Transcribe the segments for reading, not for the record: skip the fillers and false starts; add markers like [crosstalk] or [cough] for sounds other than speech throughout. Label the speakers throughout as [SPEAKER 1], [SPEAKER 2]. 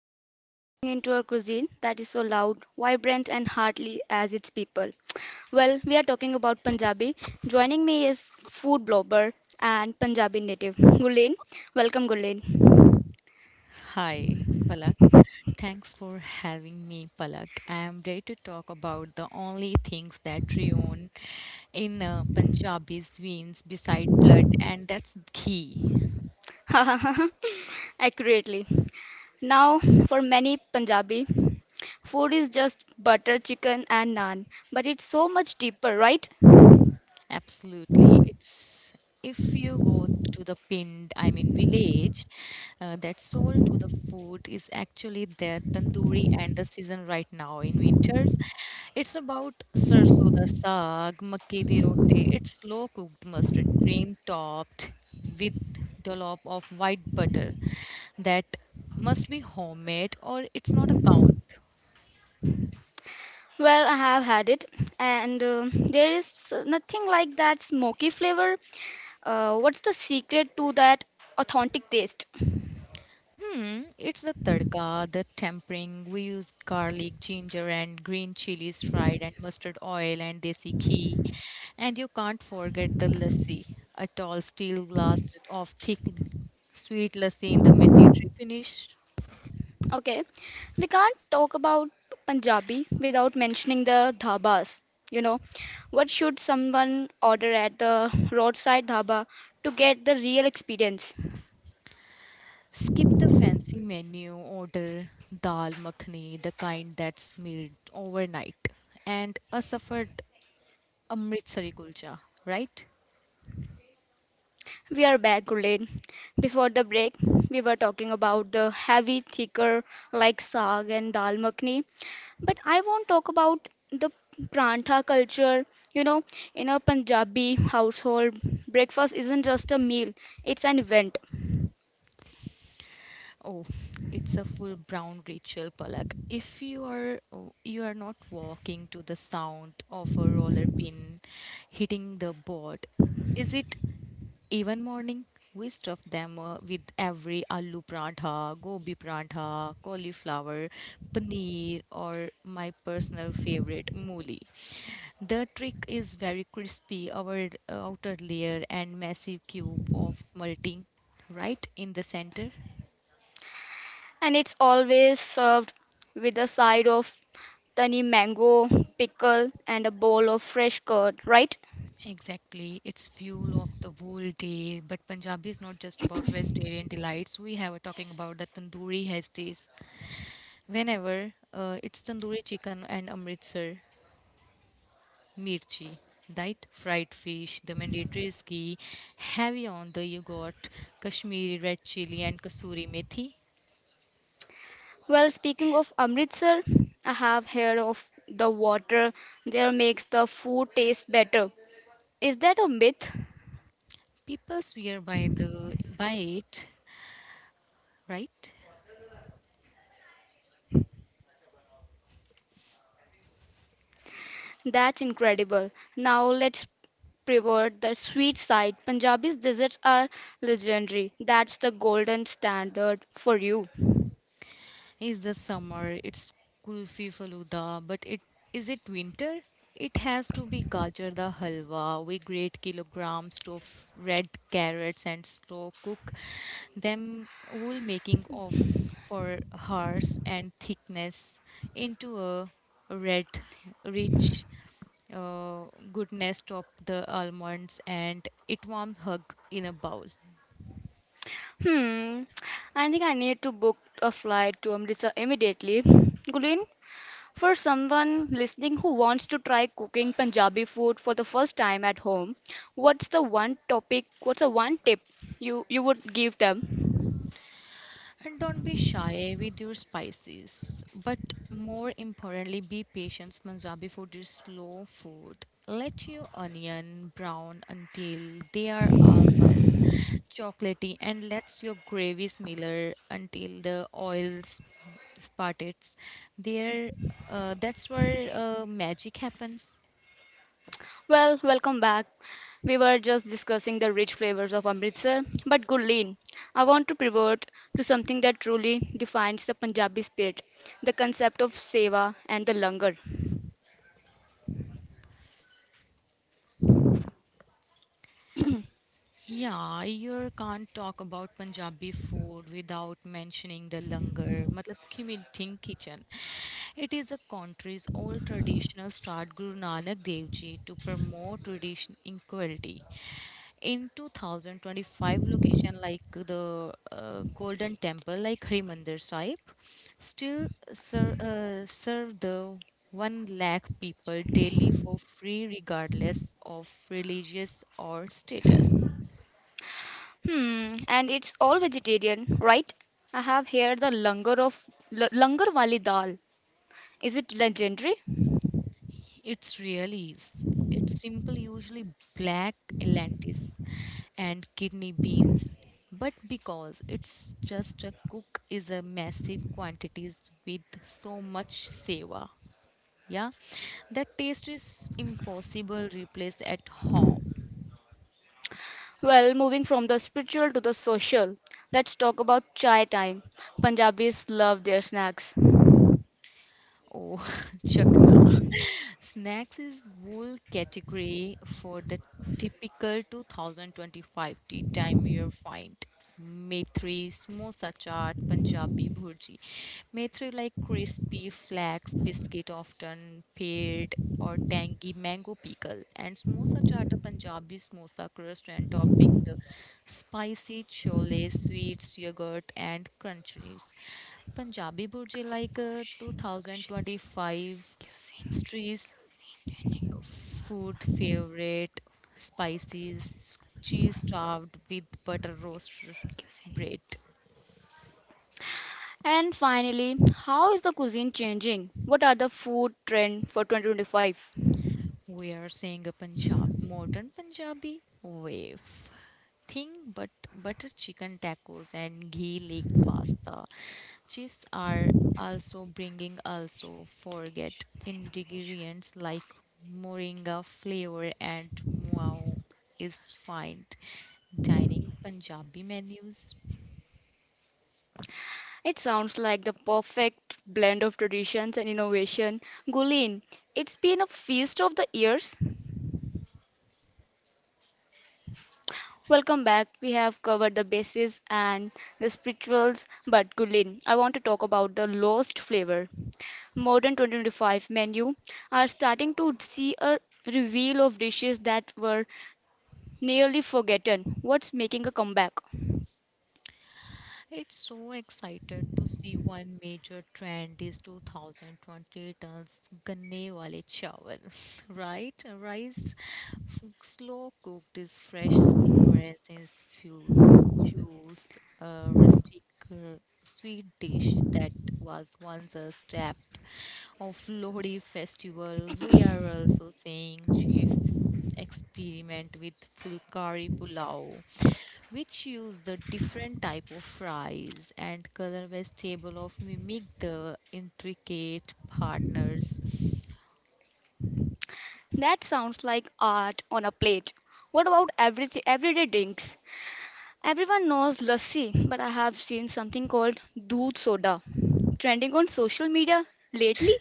[SPEAKER 1] Today we are driving into a cuisine that is so loud, vibrant, and hearty as its people. Well, we are talking about Punjabi. Joining me is food blogger and Punjabi native, Gulen. Welcome, Gulen.
[SPEAKER 2] Hi, Palak. Thanks for having me, Palak. I am ready to talk about the only things that Rion in Punjabi's veins beside blood, and that's ghee.
[SPEAKER 1] [laughs] Accurately. Now, for many Punjabi, food is just butter, chicken, and naan, but it's so much deeper, right?
[SPEAKER 2] Absolutely. It's if you go to the pinned, I mean, village that sold to the food is actually their tandoori and the season right now in winters. It's about sarso da saag, makke di roti. It's slow cooked mustard cream topped with dollop of white butter that must be homemade or it's not a count.
[SPEAKER 1] Well, I have had it, and there is nothing like that smoky flavor. What's the secret to that authentic taste?
[SPEAKER 2] Hmm, it's the tadka, the tempering. We use garlic, ginger, and green chilies fried, and mustard oil and desi ghee. And you can't forget the lassi, a tall steel glass of thick, sweet lassi in the mandatory finish.
[SPEAKER 1] Okay, we can't talk about Punjabi without mentioning the dhabas. You know, what should someone order at the roadside dhaba to get the real experience?
[SPEAKER 2] Skip the fancy menu, order dal makhani, the kind that's made overnight, and a suffered Amritsari kulcha, right?
[SPEAKER 1] We are back, Gurleen. Before the break, we were talking about the heavy, thicker, like saag and dal makhni. But I won't talk about the prantha culture. You know, in a Punjabi household, breakfast isn't just a meal, it's an event.
[SPEAKER 2] Oh, it's a full brown ritual, Palak. If you are oh, you are not walking to the sound of a roller pin hitting the board, is it even morning? We stuff them with every aloo prantha, gobi prantha, cauliflower, paneer, or my personal favorite, mooli. The trick is very crispy, our outer layer and massive cube of multi right in the center.
[SPEAKER 1] And it's always served with a side of tani mango, pickle, and a bowl of fresh curd, right?
[SPEAKER 2] Exactly. It's fuel of the whole day. But Punjabi is not just about vegetarian delights. We have talking about the tandoori has taste. Whenever it's tandoori chicken and Amritsar mirchi, right? Fried fish, the mandatory is ghee, heavy on the yogurt, Kashmiri red chili and kasuri methi.
[SPEAKER 1] Well, speaking of Amritsar, I have heard of the water there makes the food taste better. Is that a myth?
[SPEAKER 2] People swear by the by it, right?
[SPEAKER 1] That's incredible. Now let's pivot the sweet side. Punjabi's desserts are legendary. That's the golden standard for you.
[SPEAKER 2] Is the summer, it's kulfi faluda, but it is it winter? It has to be gajar da halwa. We grate kilograms of red carrots and slow cook them whole making of for hours and thickness into a red rich uh, goodness top the almonds and it warm hug in a bowl.
[SPEAKER 1] Hmm, I think I need to book a flight to Amritsar immediately. Gulin, for someone listening who wants to try cooking Punjabi food for the first time at home, what's the one topic, what's the one tip you would give them?
[SPEAKER 2] And don't be shy with your spices. But more importantly, be patient. Punjabi food is slow food. Let your onion brown until they are almost chocolatey and let your gravy smear until the spartles. There, that's where magic happens.
[SPEAKER 1] Well, welcome back. We were just discussing the rich flavors of Amritsar, but Gurleen, I want to pivot to something that truly defines the Punjabi spirit, the concept of seva and the langar.
[SPEAKER 2] Yeah, you can't talk about Punjabi food without mentioning the langar, matlab ki meeting kitchen. It is a country's old traditional start Guru Nanak Dev Ji to promote tradition equality. In 2025, location like the Golden Temple, like Harimandir Sahib, still serve the 1 lakh people daily for free regardless of religious or status.
[SPEAKER 1] Hmm, and it's all vegetarian, right? I have here the langar of langar wali dal. Is it legendary?
[SPEAKER 2] It's really is. It's simple, usually black lentis and kidney beans. But because it's just a cook is a massive quantities with so much seva. Yeah, that taste is impossible replace at home.
[SPEAKER 1] Well, moving from the spiritual to the social, let's talk about chai time. Punjabis love their snacks.
[SPEAKER 2] Oh, [laughs] chakna. [laughs] Snacks is whole category for the typical 2025 tea time you find. Methri, samosa chaat, Punjabi bhurji. Methri like crispy flax biscuit often paired or tangy mango pickle and samosa chaat a Punjabi samosa crust and topping the spicy chole, sweets, yogurt and crunchies. Punjabi Burji like 2025 street food favorite spices cheese stuffed with butter roast bread.
[SPEAKER 1] And finally, how is the cuisine changing? What are the food trend for 2025?
[SPEAKER 2] We are seeing a Punjab modern Punjabi wave thing, but butter chicken tacos and ghee leaked pasta. Chefs are also bringing also forget ingredients like moringa flavor and wow is fine dining Punjabi menus.
[SPEAKER 1] It sounds like the perfect blend of traditions and innovation. Gulin, it's been a feast of the ears. Welcome back. We have covered the bases and the spirituals, but Gulin, I want to talk about the lost flavor. Modern 2025 menu are starting to see a reveal of dishes that were nearly forgotten. What's making a comeback?
[SPEAKER 2] It's so excited to see one major trend is 2020 turns ganne wale chawal, [laughs] right? Slow cooked is fresh ingredients, fuse, juice, a rustic sweet dish that was once a step of Lohri festival. We are also seeing chefs experiment with fulkari pulao which use the different type of fries and color vegetable of mimic the intricate partners.
[SPEAKER 1] That sounds like art on a plate. What about everyday drinks? Everyone knows lassi, but I have seen something called doodh soda trending on social media lately.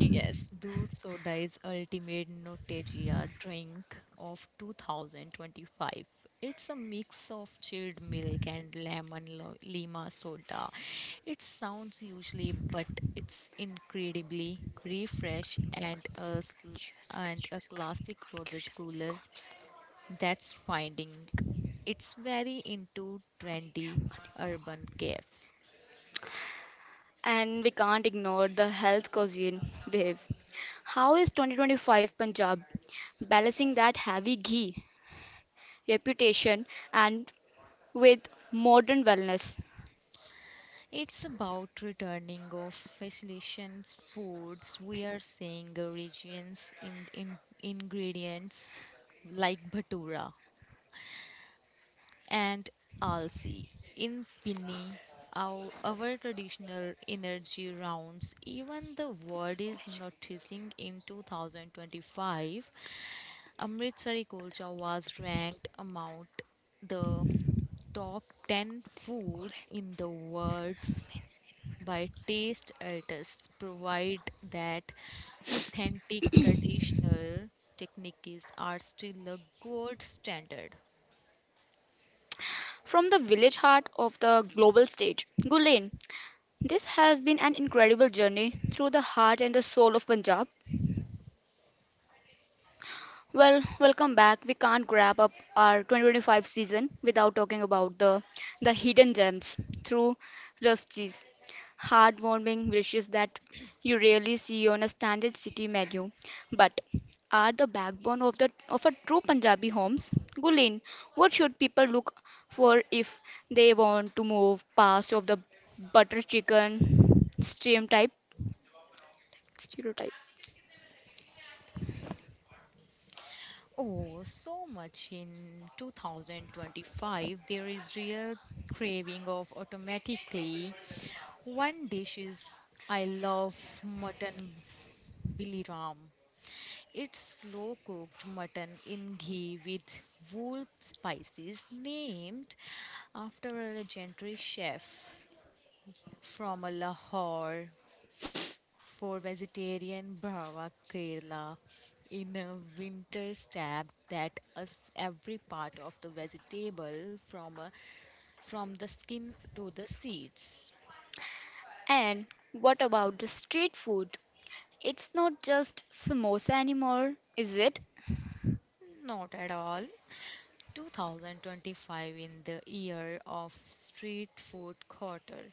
[SPEAKER 2] Yes, Doodh soda is ultimate Notegia drink of 2025. It's a mix of chilled milk and lima soda. It sounds usually, but it's incredibly refresh and
[SPEAKER 1] Consequence, conscious,
[SPEAKER 2] and a classic roaded
[SPEAKER 1] conscious,
[SPEAKER 2] cooler
[SPEAKER 1] conscious.
[SPEAKER 2] that's finding it's very into trendy urban caves.
[SPEAKER 1] And we can't ignore the health cuisine wave. How is 2025 Punjab balancing that heavy ghee reputation and with modern wellness?
[SPEAKER 2] It's about returning of facilitations, foods. We are seeing the regions in ingredients like bhatura and alsi in pinni. Our traditional energy rounds. Even the world is noticing in 2025. Amritsari kulcha was ranked among the top 10 foods in the world's by taste artists provide that authentic traditional techniques are still a gold standard.
[SPEAKER 1] From the village heart of the global stage, Gulain, this has been an incredible journey through the heart and the soul of Punjab. Well, welcome back. We can't wrap up our 2025 season without talking about the hidden gems through Rusty's heartwarming wishes that you rarely see on a standard city menu, but are the backbone of the of a true Punjabi homes. Gulin, what should people look for if they want to move past of the butter chicken steam type stereotype?
[SPEAKER 2] Oh, so much in 2025. There is real craving of automatically. One dish is I love mutton biliram. It's slow cooked mutton in ghee with wool spices, named after a legendary chef from a Lahore for vegetarian Bhava Kerala in a winter stab that us every part of the vegetable from the skin to the seeds.
[SPEAKER 1] And what about the street food? It's not just samosa anymore, is it?
[SPEAKER 2] Not at all. 2025 in the year of street food quarter.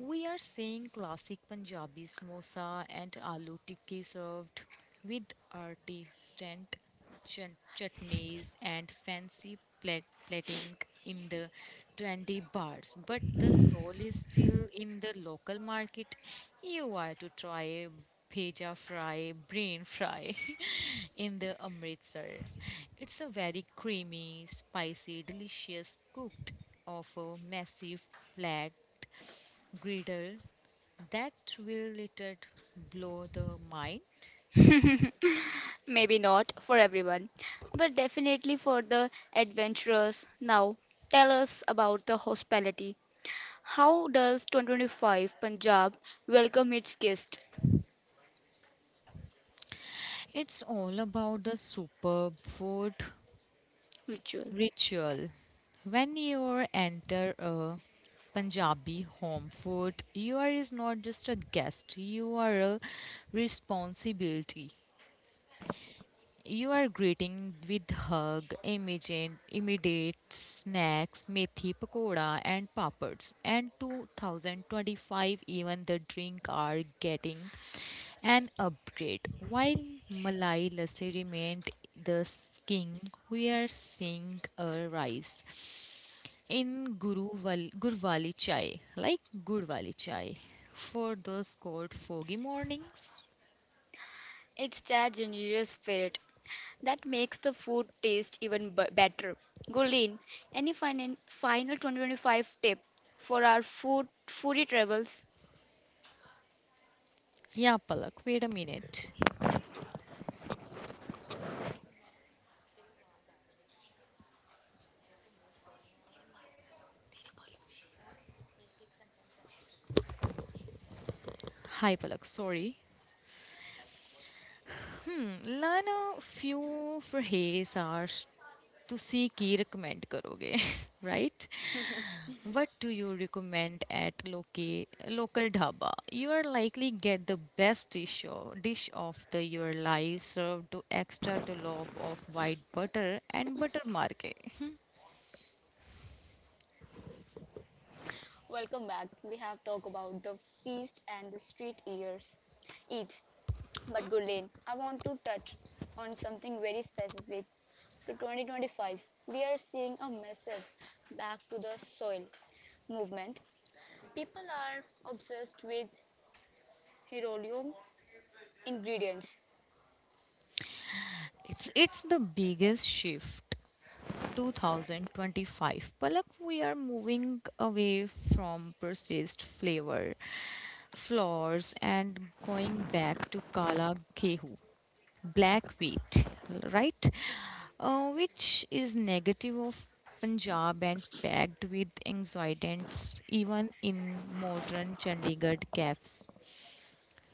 [SPEAKER 2] We are seeing classic Punjabi samosa and aloo tikki served with artisant chutneys and fancy plating in the trendy bars. But the soul is still in the local market. You are to try bheja fry, brain fry [laughs] in the Amritsar. It's a very creamy, spicy, delicious cooked of a massive flat griddle that will little blow the mind.
[SPEAKER 1] Maybe not for everyone, but definitely for the adventurers. Now, tell us about the hospitality. How does 2025 Punjab welcome its guest
[SPEAKER 2] It's all about the superb food
[SPEAKER 1] ritual?
[SPEAKER 2] ritual. When you enter a Punjabi home food, you are is not just a guest, you are a responsibility. You are greeting with hug, immediate snacks, methi pakoda and papads. And 2025 even the drink are getting an upgrade. While Malai Lassi remained the king, we are seeing a rise in Gurwali chai, like Gurwali chai, for those cold foggy mornings.
[SPEAKER 1] It's that generous spirit that makes the food taste even better. Gulin, any final 2025 tip for our food foodie travels?
[SPEAKER 2] Yeah, Palak, wait a minute. Hi, Palak, sorry. Hmm learn a few phrase or ਤੁਸੀਂ ਕੀ recommend करोगे [laughs] right what do you recommend at local dhaba you are likely get the best dish of the your life served to extra dollop of white butter and butter marke.
[SPEAKER 1] Welcome back. We have talked about the feast and the street ears, eats. But Gurleen, I want to touch on something very specific to 2025. We are seeing a massive back to the soil movement. People are obsessed with heirloom ingredients.
[SPEAKER 2] [laughs] It's the biggest shift 2025. Palak, we are moving away from processed flavor floors and going back to Kala Gehu, black wheat, right? Which is negative of Punjab and packed with anxiolytics even in modern Chandigarh cafes.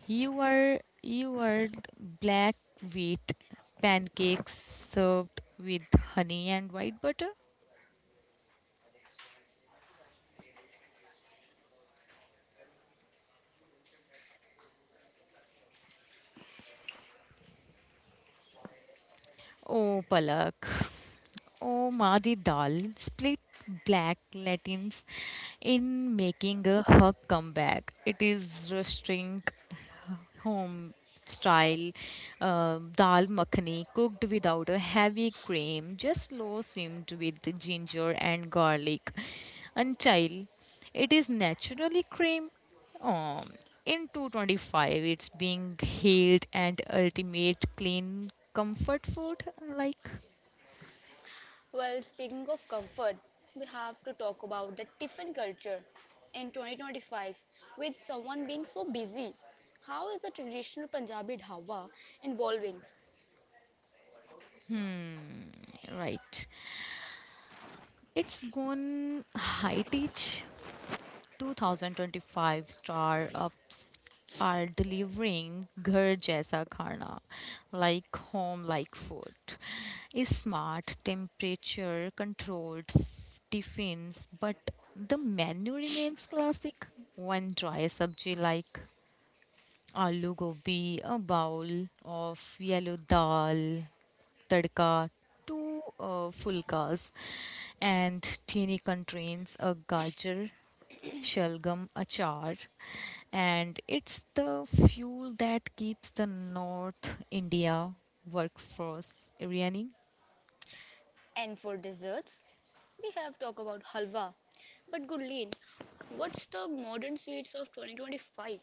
[SPEAKER 2] You are black wheat pancakes served with honey and white butter. Oh, Palak. Oh, Madi Dal split black Latins in making a her comeback. It is roasting home style dal makhani cooked without a heavy cream, just low simmed with ginger and garlic until it is naturally cream. Um, in 225, it's being hailed and ultimate clean comfort food. Like,
[SPEAKER 1] Well, speaking of comfort, we have to talk about the tiffin culture in 2025. With someone being so busy, how is the traditional Punjabi dhawa evolving?
[SPEAKER 2] right. It's gone high tech. 2025 star ups are delivering ghar jaisa khana, like home-like food. Is Smart temperature controlled tiffins, but the menu remains classic. One dry sabji like Aloo gobi, a bowl of yellow dal, tadka, two fulkas, and teeny contains a gajar, shalgam, achar, and it's the fuel that keeps the North India workforce running.
[SPEAKER 1] And for desserts, we have talked about halwa. But Gurleen, what's the modern sweets of 2025?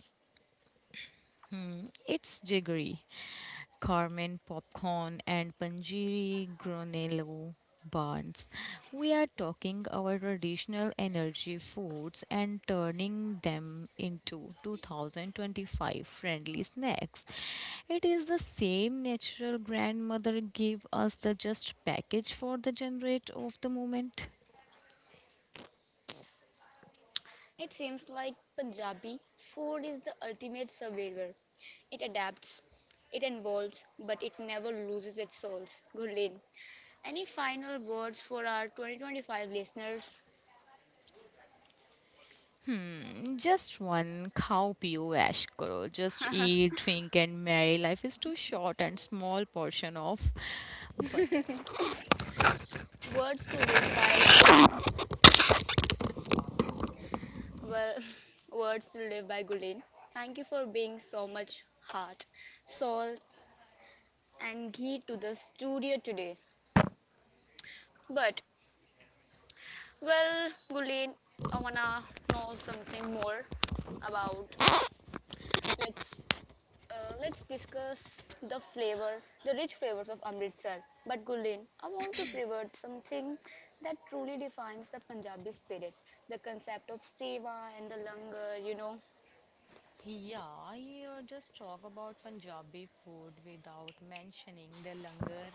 [SPEAKER 2] It's jaggery. Carmen Popcorn and Panjiri Granello buns. We are talking our traditional energy foods and turning them into 2025 friendly snacks. It is the same natural grandmother gave us the just package for the generate of the moment.
[SPEAKER 1] It seems like Punjabi food is the ultimate survivor. It adapts, it evolves, but it never loses its souls. Gurleen, any final words for our 2025 listeners?
[SPEAKER 2] Just one cow pio ash karo. Just eat, drink and marry. Life is too short and small portion of butter.
[SPEAKER 1] [laughs] Words to live by, well, [laughs] words to live by, Gulin. Thank you for being so much heart, soul, and ghee to the studio today. But, well, Gulin, I wanna know something more about. Let's let's discuss the flavor, the rich flavors of Amritsar. But Gulin, I want to pivot something that truly defines the Punjabi spirit, the concept of seva and the langar, you know.
[SPEAKER 2] Yeah, you just talk about Punjabi food without mentioning the langar.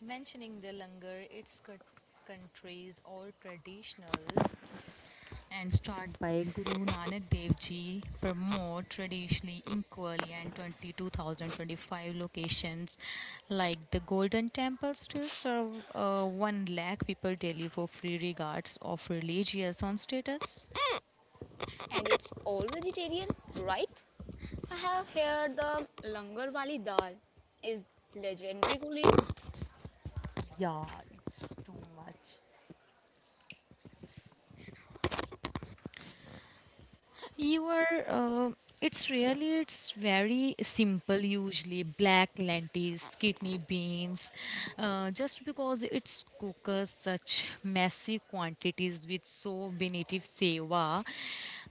[SPEAKER 2] Mentioning the langar, its countries or traditionals, and start by Guru Nanak Dev Ji promote traditionally equally and 22,025 locations like the Golden Temple still serve 1 lakh people daily for free regards of religious on status.
[SPEAKER 1] And it's all vegetarian, right? I have heard the langar wali dal is legendary, Gulin.
[SPEAKER 2] Yeah, it's too much. You are. It's really. It's very simple. Usually, black lentils, kidney beans. Just because it's cooks such massive quantities with so benitive seva,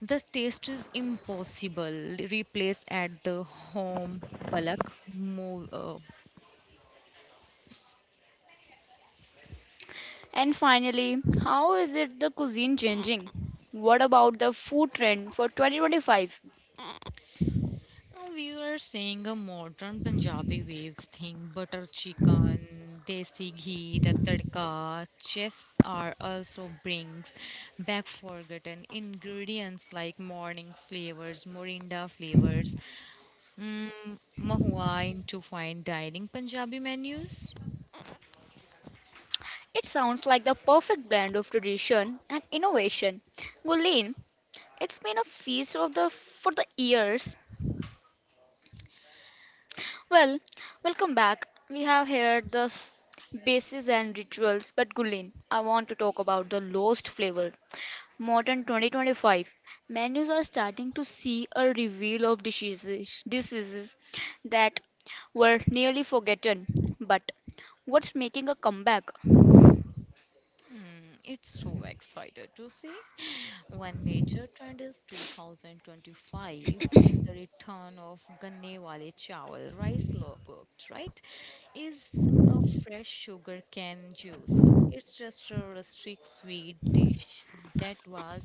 [SPEAKER 2] the taste is impossible. Replace at the home palak mo- uh,
[SPEAKER 1] And finally, how is it the cuisine changing? What about the food trend for 2025?
[SPEAKER 2] Now we are seeing a modern Punjabi waves thing, butter chicken, desi ghee, the tadka. Chefs are also brings back forgotten ingredients like morning flavors, morinda flavors, mm, mahua into fine dining Punjabi menus.
[SPEAKER 1] It sounds like the perfect blend of tradition and innovation. Gulin, it's been a feast of the for the ears. Well, welcome back. We have heard the bases and rituals, but Gulin, I want to talk about the lost flavor. Modern 2025 menus are starting to see a reveal of diseases that were nearly forgotten. But what's making a comeback?
[SPEAKER 2] It's so excited to see. One major trend is 2025 in the return of Ganne Wale Chawal rice law cooked, right? Is a fresh sugar cane juice. It's just a rustic sweet dish that was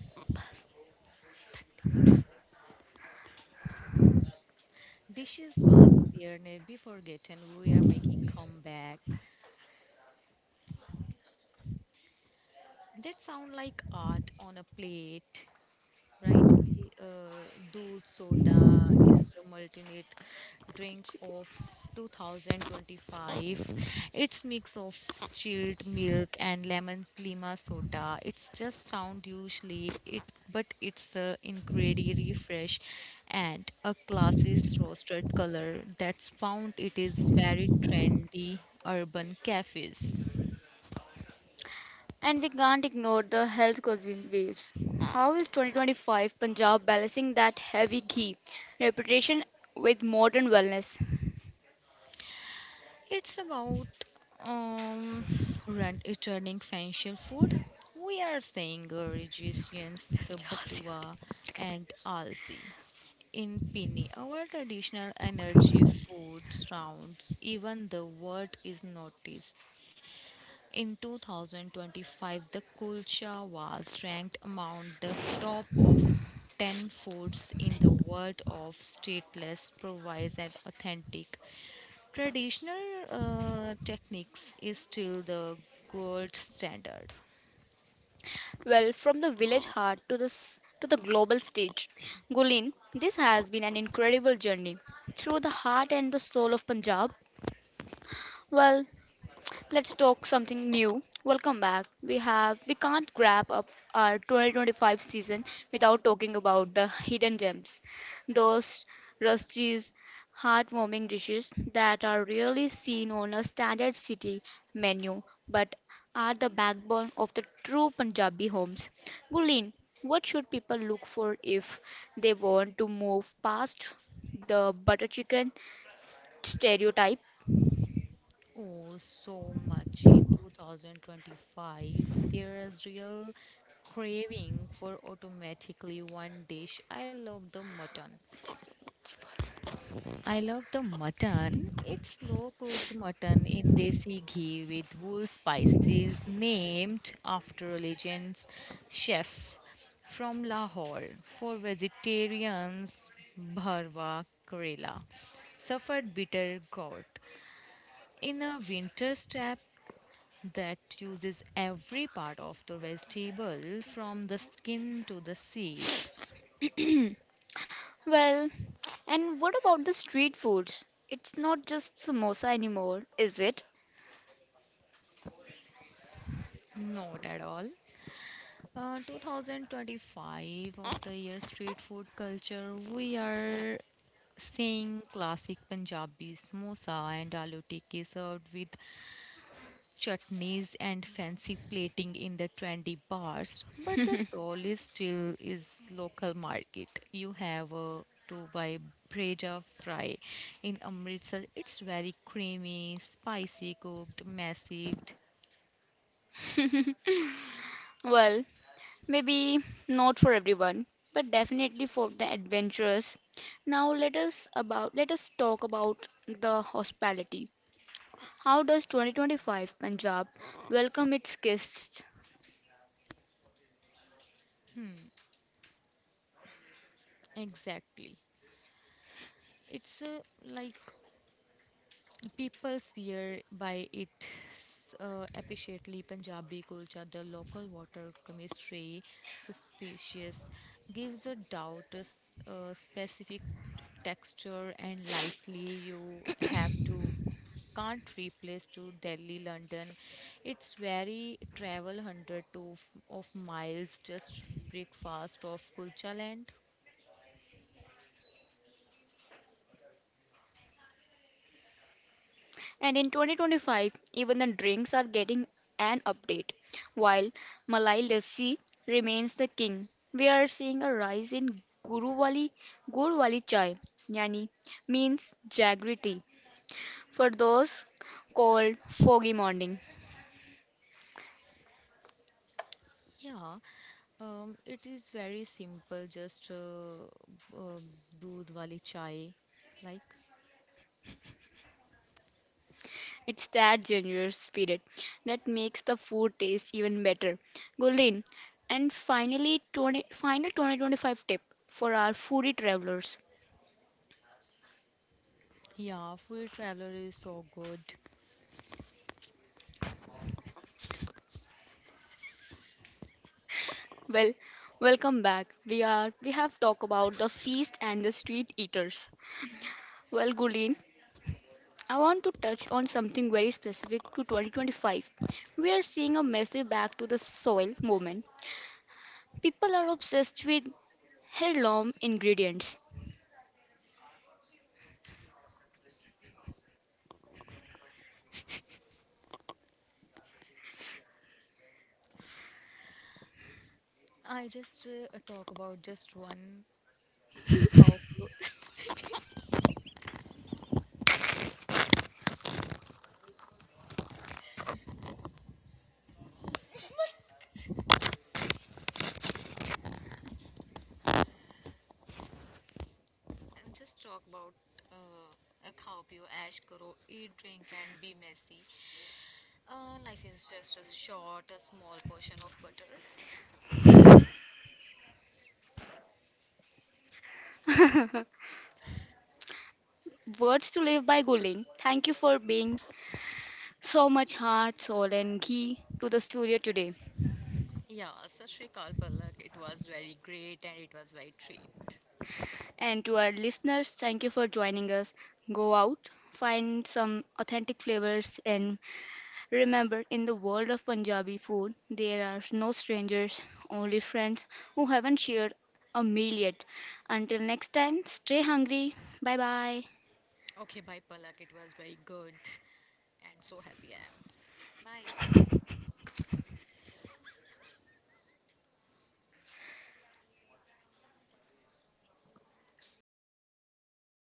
[SPEAKER 2] dishes was there never forgotten. We are making comeback. That sound like art on a plate. Right? E, Uh, Doodh Soda is the multinate drink of 2025. It's mix of chilled milk and lemon lima soda. It's just sound usually it, but it's a ingredient refresh and a classy roasted color that's found. It is very trendy urban cafes.
[SPEAKER 1] And we can't ignore the health causing waves. How is 2025 Punjab balancing that heavy ghee reputation with modern wellness?
[SPEAKER 2] It's about um returning financial food. We are saying resistance to Batua and Alsi. In Pini, our traditional energy food rounds, even the word is noticed. In 2025, the kulcha was ranked among the top of 10 foods in the world of stateless, provides and authentic. Traditional techniques is still the gold standard.
[SPEAKER 1] Well, from the village heart to to the global stage, Gulin, this has been an incredible journey through the heart and the soul of Punjab. Well, let's talk something new. Welcome back. We can't wrap up our 2025 season without talking about the hidden gems, those rusties, heartwarming dishes that are rarely seen on a standard city menu, but are the backbone of the true Punjabi homes. Gulin, what should people look for if they want to move past the butter chicken stereotype?
[SPEAKER 2] Oh, so much in 2025. There is real craving for automatically one dish. I love the mutton. It's slow cooked mutton in desi ghee with wool spices named after a legends chef from Lahore. For vegetarians, bharwa Karela suffered bitter gourd. In a winter strap that uses every part of the vegetable from the skin to the seeds.
[SPEAKER 1] Well, and what about the street foods? It's not just samosa anymore, is it?
[SPEAKER 2] Not at all. 2025 of the year street food culture, we are seeing classic Punjabi samosa and aloo tikki served with chutneys and fancy plating in the trendy bars. But the soul is still is local market. You have to buy breja fry in Amritsar. It's very creamy, spicy cooked, massive.
[SPEAKER 1] Well, maybe not for everyone, but definitely for the adventurous. Now let us talk about the hospitality. How does 2025 Punjab welcome its guests?
[SPEAKER 2] Exactly. It's like people swear by it appreciately Punjabi culture, the local water chemistry, suspicious, gives a doubt a, a specific texture and lightly you have to can't replace to Delhi, London. It's very travel hundred to of miles just breakfast of kulcha land.
[SPEAKER 1] And in 2025, even the drinks are getting an update. While Malai Lassi remains the king, we are seeing a rise in Guruvali Gurwali Chai, yani means jaggery tea. For those cold, foggy morning,
[SPEAKER 2] Yeah, it is very simple. Just uh, doodh wali chai, like
[SPEAKER 1] it's that generous spirit that makes the food taste even better. Gulin, and finally, final 2025 tip for our foodie travelers.
[SPEAKER 2] yeah, full traveler is so good.
[SPEAKER 1] Well, welcome back. We have talked about the feast and the street eaters. Well, Gulin, I want to touch on something very specific to 2025. We are seeing a massive back to the soil movement. People are obsessed with heirloom ingredients.
[SPEAKER 2] I just talk about just one khao pio, [laughs] and just talk about uh, a khao pio, ash karo, eat, drink, and be messy. Life is just a short, a small portion of butter.
[SPEAKER 1] Words to live by, Gulin. Thank you for being so much heart, soul, and ghee to the studio today.
[SPEAKER 2] Yeah, Sashrikal Palak, it was very great and it was very treat.
[SPEAKER 1] And to our listeners, thank you for joining us. Go out, find some authentic flavors, and remember, in the world of Punjabi food, there are no strangers, only friends who haven't shared a meal yet. Until next time, stay hungry. Bye bye.
[SPEAKER 2] Okay, bye, Palak. It was very good [laughs] and so happy I am. Bye.